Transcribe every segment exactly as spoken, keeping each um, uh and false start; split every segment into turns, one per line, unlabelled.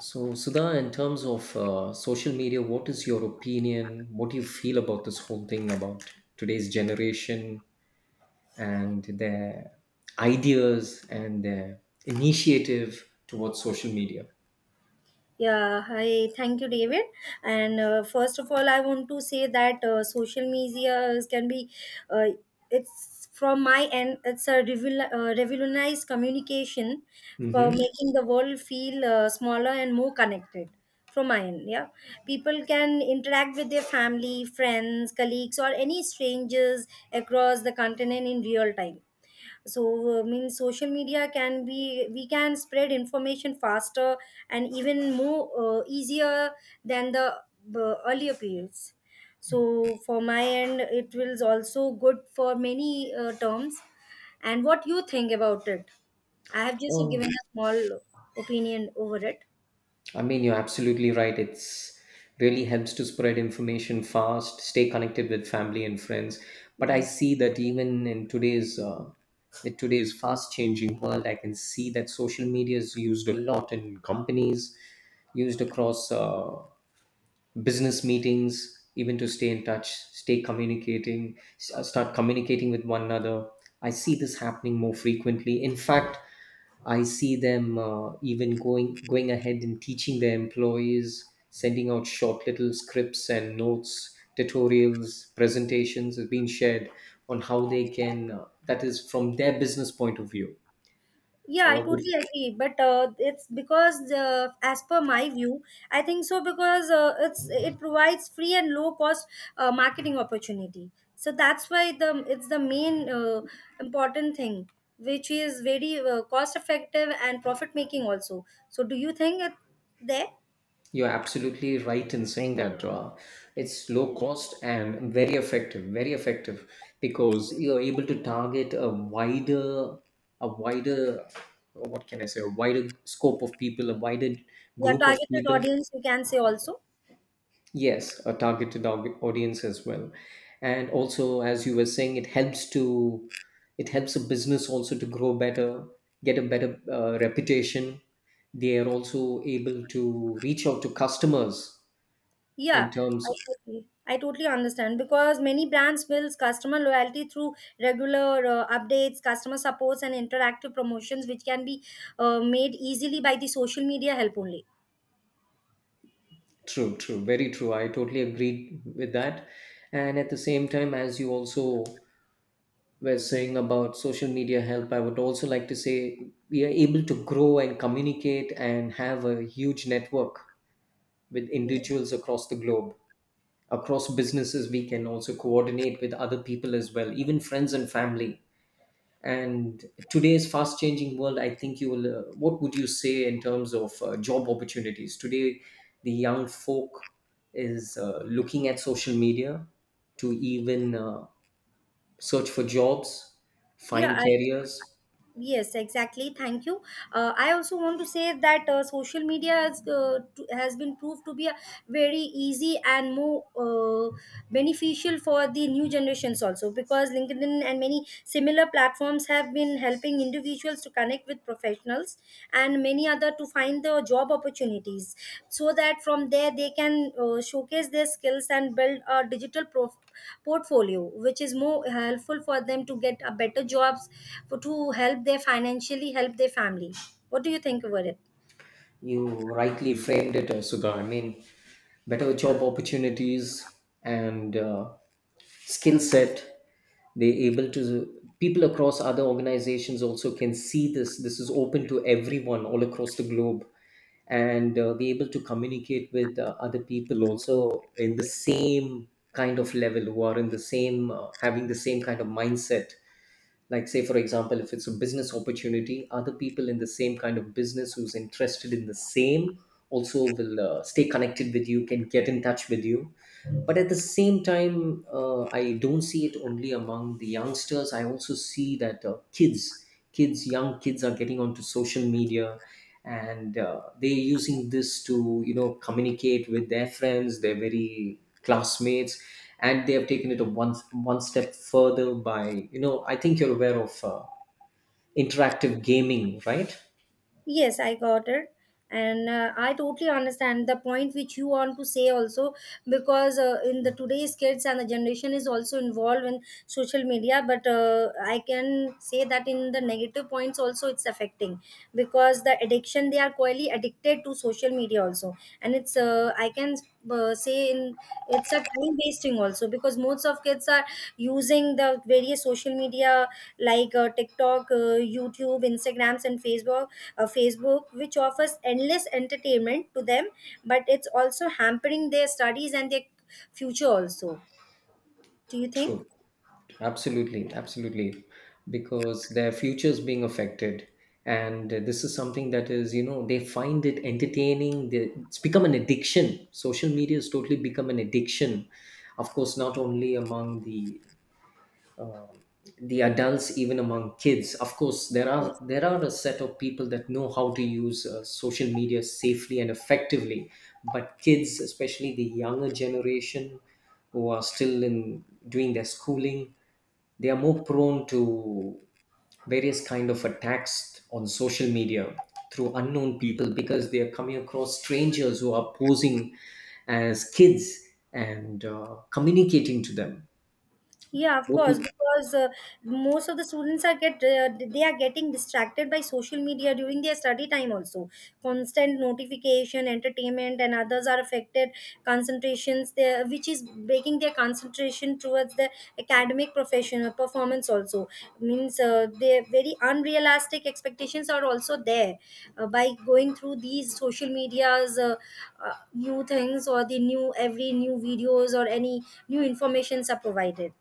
So, Sudha, in terms of uh, social media, what is your opinion? What do you feel about this whole thing about today's generation and their ideas and their initiative towards social media?
Yeah, hi. Thank you, David. And uh, first of all, I want to say that uh, social media is- can be, uh, it's from my end, it's a revol- uh, revolutionized communication for
Mm-hmm.
making the world feel uh, smaller and more connected. From my end, yeah. People can interact with their family, friends, colleagues, or any strangers across the continent in real time. So uh, mean social media can be we can spread information faster and even more uh, easier than the uh, earlier periods. So for my end it will also good for many uh, terms. And what you think about it? I have just given a small opinion over it.
I mean, you're absolutely right. It's really helps to spread information fast, stay connected with family and friends. But I
Yes.
see that even in today's uh, with today's fast changing world, I can see that social media is used a lot in companies, used across uh, business meetings, even to stay in touch, stay communicating, s- uh, start communicating with one another. I see this happening more frequently. In fact, I see them uh, even going going ahead and teaching their employees, sending out short little scripts and notes, tutorials, presentations is being shared on how they can. Uh, that is from their business point of view.
Yeah, I
Uh,
totally agree. But uh, it's because, uh, as per my view, I think so because uh, it's it provides free and low cost uh, marketing opportunity. So that's why the it's the main uh, important thing, which is very uh, cost effective and profit making also. So do you think it there?
You're absolutely right in saying that uh, it's low cost and very effective, very effective because you're able to target a wider, a wider, what can I say, a wider scope of people, a wider
Your
group of
targeted
people.
audience, you can say also.
Yes, a targeted au- audience as well, and also as you were saying, it helps to, it helps a business also to grow better, get a better uh, reputation. They are also able to reach out to customers in
Yeah, I
terms.
totally, I totally understand because many brands builds customer loyalty through regular uh, updates, customer supports, and interactive promotions, which can be uh, made easily by the social media help only.
True, true, very true, I totally agree with that. And at the same time, as you also were saying about social media help, I would also like to say we are able to grow and communicate and have a huge network with individuals across the globe, across businesses. We can also coordinate with other people as well, even friends and family. And today's fast changing world, I think you will, uh, what would you say in terms of uh, job opportunities today, the young folk is uh, looking at social media to even uh, search for jobs,
Yeah,
find
I
careers.
yes, exactly. Thank you. Uh, I also want to say that uh, social media has uh, to, has been proved to be a very easy and more uh, beneficial for the new generations also because LinkedIn and many similar platforms have been helping individuals to connect with professionals professionals and many other to find the job opportunities so that from there they can uh, showcase their skills and build a digital prof- portfolio which is more helpful for them to get a better jobs for, to help their, financially help their family. What do you think about it?
You rightly framed it, uh, Sudha. I mean, better job opportunities and uh, skill set. They able to, people across other organizations also can see this. This is open to everyone all across the globe, and uh, be able to communicate with uh, other people also in the same kind of level who are in the same uh, having the same kind of mindset, like say for example, if it's a business opportunity, other people in the same kind of business who's interested in the same also will uh, stay connected with, you can get in touch with you. But at the same time, uh, I don't see it only among the youngsters. I also see that uh, kids, kids young kids are getting onto social media, and uh, they're using this to, you know, communicate with their friends, their very classmates. And they have taken it a one one step further by, you know, I think you're aware of uh, interactive gaming, right?
Yes, I got it. And uh, I totally understand the point which you want to say also because uh, in the today's kids and the generation is also involved in social media. But uh, I can say that in the negative points also it's affecting because the addiction they are quite addicted to social media also, and it's uh, I can uh, say in it's a time wasting also because most of kids are using the various social media like uh, tiktok, uh, youtube, instagrams, and facebook uh, facebook which offers endless entertainment to them, but it's also hampering their studies and their future also. Do you think?
True. Absolutely, absolutely, because their futures being affected, and uh, this is something that is, you know, they find it entertaining. They, it's become an addiction. Social media has totally become an addiction, of course, not only among the um, the adults, even among kids. Of course, there are,
Yes.
there are a set of people that know how to use uh, social media safely and effectively, but kids, especially the younger generation who are still in doing their schooling, they are more prone to various kind of attacks on social media through unknown people, because they are coming across strangers who are posing as kids and uh, communicating to them.
Yeah, of
What
course,
would.
because uh, most of the students are get uh, they are getting distracted by social media during their study time also. Constant notification, entertainment, and others are affected concentrations there, which is breaking their concentration towards the academic professional performance also. Means uh, their very unrealistic expectations are also there uh, by going through these social medias, uh, uh, new things or the new every new videos or any new informations are provided.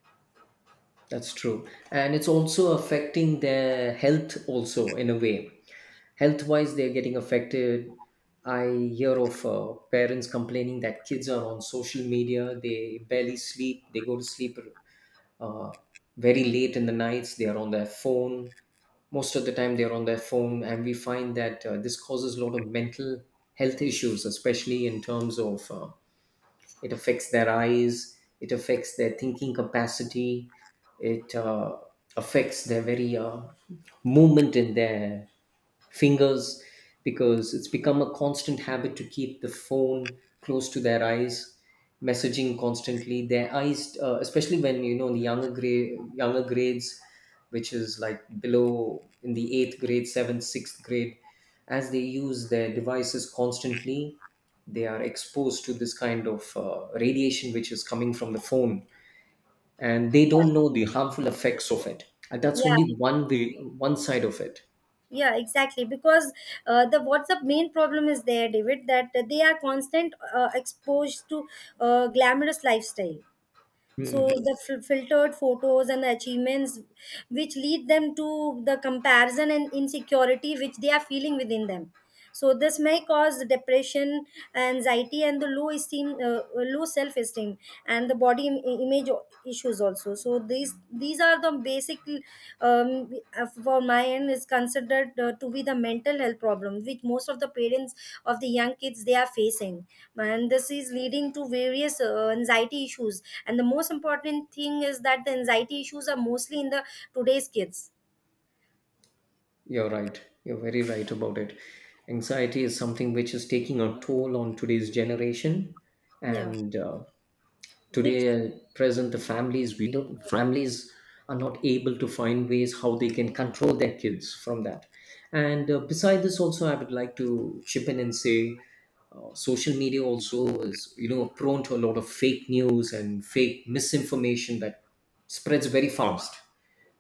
That's true. And it's also affecting their health also in a way. Health wise, they're getting affected. I hear of uh, parents complaining that kids are on social media. They barely sleep. They go to sleep uh, very late in the nights. They are on their phone. Most of the time, they're on their phone. And we find that uh, this causes a lot of mental health issues, especially in terms of uh, it affects their eyes, it affects their thinking capacity, it uh, affects their very uh, movement in their fingers, because it's become a constant habit to keep the phone close to their eyes, messaging constantly, their eyes uh, especially when, you know, the younger grade younger grades, which is like below in the eighth grade, seventh, sixth grade, as they use their devices constantly, they are exposed to this kind of uh, radiation which is coming from the phone, and they don't know the harmful effects of it. And that's only
Yeah.
one way, one side of it.
Yeah, exactly, because uh, the what's the main problem is there, David, that they are constant uh, exposed to uh, glamorous lifestyle. So
Hmm.
the f- filtered photos and the achievements which lead them to the comparison and insecurity which they are feeling within them, so this may cause depression, anxiety, and the low esteem uh, uh, low self esteem and the body im- image issues also. So these these are the basic um, uh, for my end is considered uh, to be the mental health problem which most of the parents of the young kids they are facing, and this is leading to various uh, anxiety issues, and the most important thing is that the anxiety issues are mostly in the today's kids.
You're right, you're very right about it. Anxiety is something which is taking a toll on today's generation,
Yeah,
and uh,
which.
today at present, the families, we don't families are not able to find ways how they can control their kids from that. And uh, beside this also, I would like to chip in and say uh, social media also is, you know, prone to a lot of fake news and fake misinformation that spreads very fast.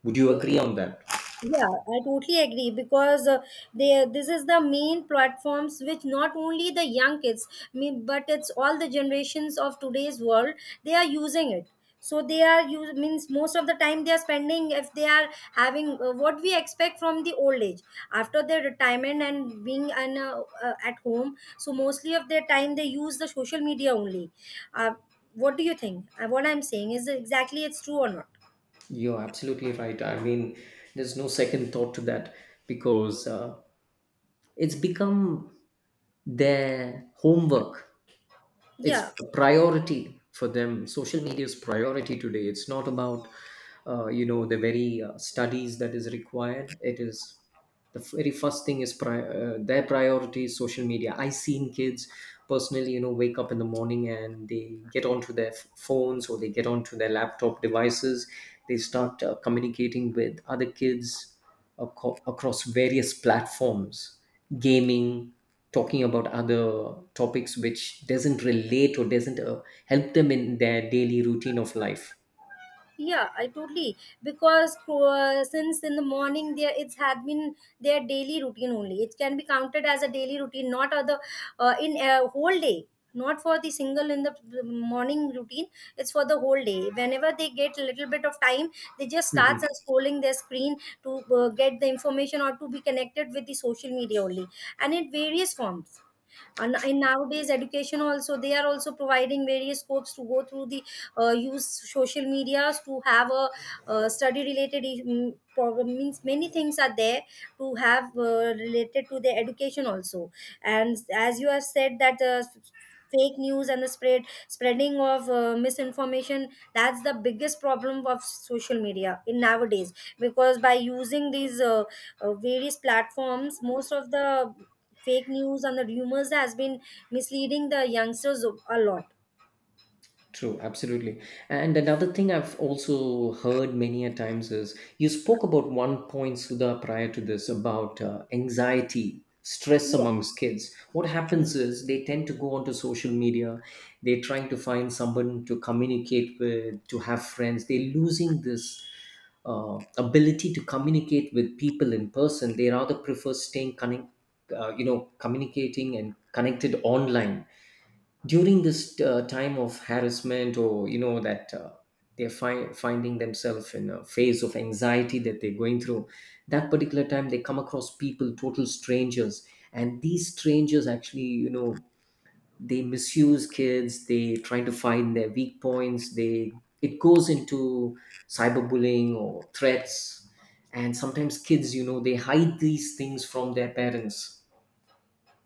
Would you agree on that?
Yeah, I totally agree because uh, they this is the main platforms which not only the young kids, me- but it's all the generations of today's world. They are using it. So they are use means most of the time they are spending if they are having uh, what we expect from the old age after their retirement and being an, uh, uh, at home. So mostly of their time they use the social media only. Uh, what do you think? Uh, what I'm saying is exactly it's true or not?
You're absolutely right, I mean, there's no second thought to that, because uh, it's become their homework. It's
Yeah.
a priority for them. Social media is priority today. It's not about uh, you know, the very uh, studies that is required. It is the very first thing is pri- uh, their priority is social media. I seen kids personally, you know, wake up in the morning, and they get onto their f- phones, or they get onto their laptop devices. They start uh, communicating with other kids aco- across various platforms, gaming, talking about other topics which doesn't relate or doesn't uh, help them in their daily routine of life.
Yeah, I totally because uh, since in the morning there it's had been their daily routine only. It can be counted as a daily routine, not other uh, in a whole day. Not for the single in the morning routine. It's for the whole day. Whenever they get a little bit of time, they just starts and scrolling their screen to uh, get the information or to be connected with the social media only, and in various forms, and in nowadays education also they are also providing various scopes to go through the uh, use social medias to have a uh, study related um, problem means many things are there to have uh, related to the education also. And as you have said that uh, fake news and the spread spreading of uh, misinformation, that's the biggest problem of social media in nowadays because by using these uh, uh, various platforms most of the fake news and the rumors has been misleading the youngsters a a lot.
True, absolutely. And another thing I've also heard many a times is you spoke about one point, Sudha, prior to this about uh, anxiety, stress
Yeah,
amongst kids. What happens is they tend to go onto social media, they're trying to find someone to communicate with, to have friends. They're losing this uh, ability to communicate with people in person. They rather prefer staying connect, uh, you know, communicating and connected online, during this uh, time of harassment, or you know that uh, they're fi- finding themselves in a phase of anxiety that they're going through. That particular time, they come across people, total strangers, and these strangers actually, you know, they misuse kids. They trying to find their weak points. They It goes into cyberbullying or threats, and sometimes kids, you know, they hide these things from their parents.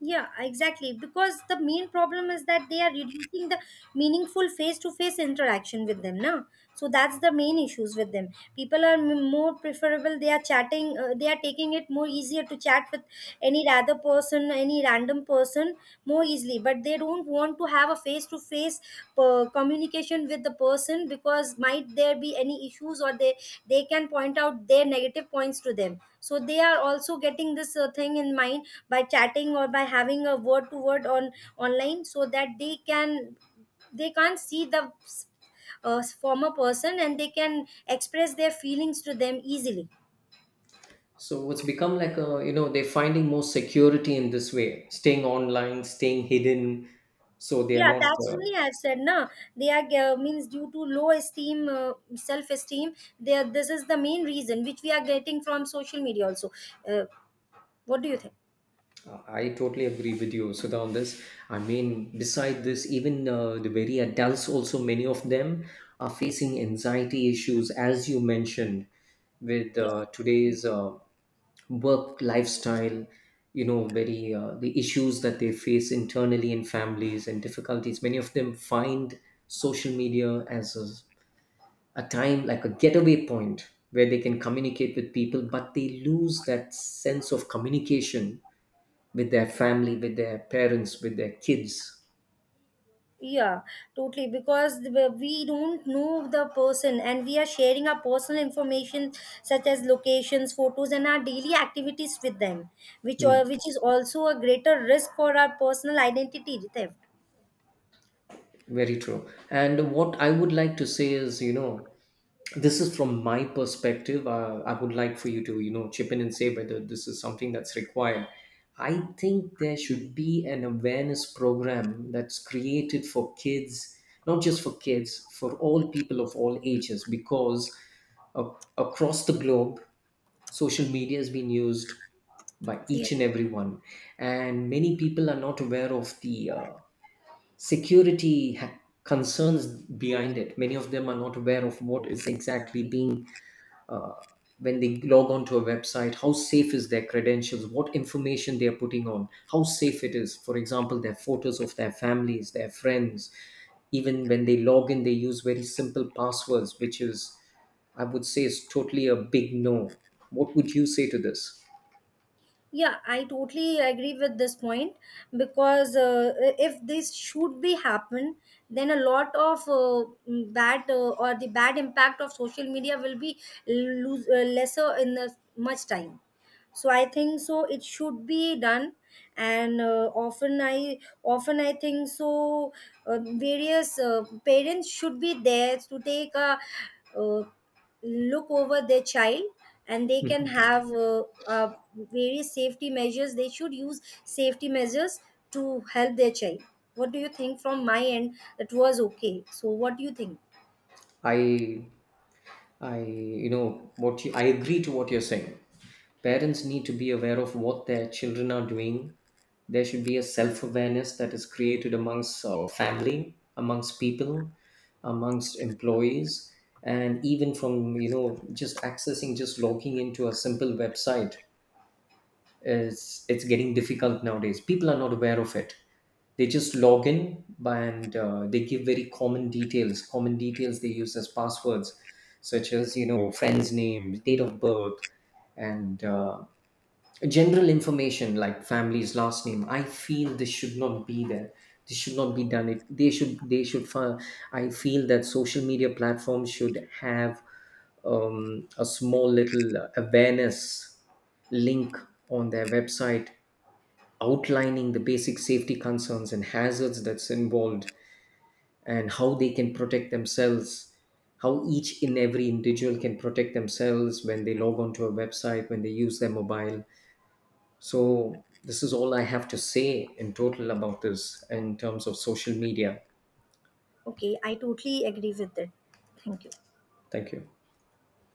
yeah, exactly, because the main problem is that they are reducing the meaningful face-to-face interaction with them now, so that's the main issues with them. People are m- more preferable, they are chatting, uh, they are taking it more easier to chat with any rather person any random person more easily, but but they don't want to have a face to face communication with the person because might there be any issues or they they can point out their negative points to them, so they are also getting this uh, thing in mind by chatting or by having a word to word on online so that they can they can't see the uh, former person and they can express their feelings to them easily.
So it's become like a, you know, they're finding more security in this way, staying online, staying hidden. So they are
Yeah,
not.
that's
Uh,
only I've said. Na, they are ge- means due to low esteem, uh, self esteem. They are, this is the main reason which we are getting from social media. Also, uh, what do you think?
I totally agree with you, Sudha, on this. I mean, beside this, even uh, the very adults, also many of them are facing anxiety issues, as you mentioned, with
Yeah,
uh, today's uh, work lifestyle. You know, very uh, the issues that they face internally in families and difficulties. Many of them find social media as a a time like a getaway point where they can communicate with people, but they lose that sense of communication with their family, with their parents, with their kids.
yeah, totally. Because the- we don't know the person, and we are sharing our personal information such as locations, photos, and our daily activities with them, which
Hmm,
uh, which is also a greater risk for our personal identity theft.
very true. And what I would like to say is, you know, this is from my perspective. uh, I would like for you to, you know, chip in and say whether this is something that's required. I think there should be an awareness program that's created for kids, not just for kids, for all people of all ages, because uh, across the globe, social media has been used by
Yeah.
each and everyone, and many people are not aware of the uh, security ha- concerns behind it. Many of them are not aware of what is exactly being uh, when they log on to a website, how safe is their credentials, what information they are putting on, how safe it is, for example, their photos of their families, their friends. Even when they log in, they use very simple passwords, which is, I would say, is totally a big no. What would you say to this?
Yeah, I totally agree with this point because uh, if this should be happen, then a lot of uh, mm, bad uh, or the bad impact of social media will be lose, uh, lesser in the much time, so I think so it should be done. And uh, often i often i think so uh, various uh, parents should be there to take a uh, look over their child, and they can
Mhm.
have uh, uh, various safety measures, they should use safety measures to help their child. What do you think from my end? That was okay, so what do you think?
i i you know what you, I agree to what you're saying. Parents need to be aware of what their children are doing. There should be a self awareness that is created amongst uh, family, amongst people, amongst employees, and even from, you know, just accessing, just logging into a simple website is, it's getting difficult nowadays. People are not aware of it. They just log in by- and uh, they give very common details, common details they use as passwords, such as, you know, friend's name, date of birth, and uh, general information like family's last name. I feel this should not be there. This should not be done. It they should They should fi- I feel that social media platforms should have um, a small little awareness link on their website, outlining the basic safety concerns and hazards that's involved, and how they can protect themselves, how each and every individual can protect themselves when they log onto a website, when they use their mobile. So, this is all I have to say in total about this in terms of social media.
Okay, I totally agree with that. Thank you.
Thank you.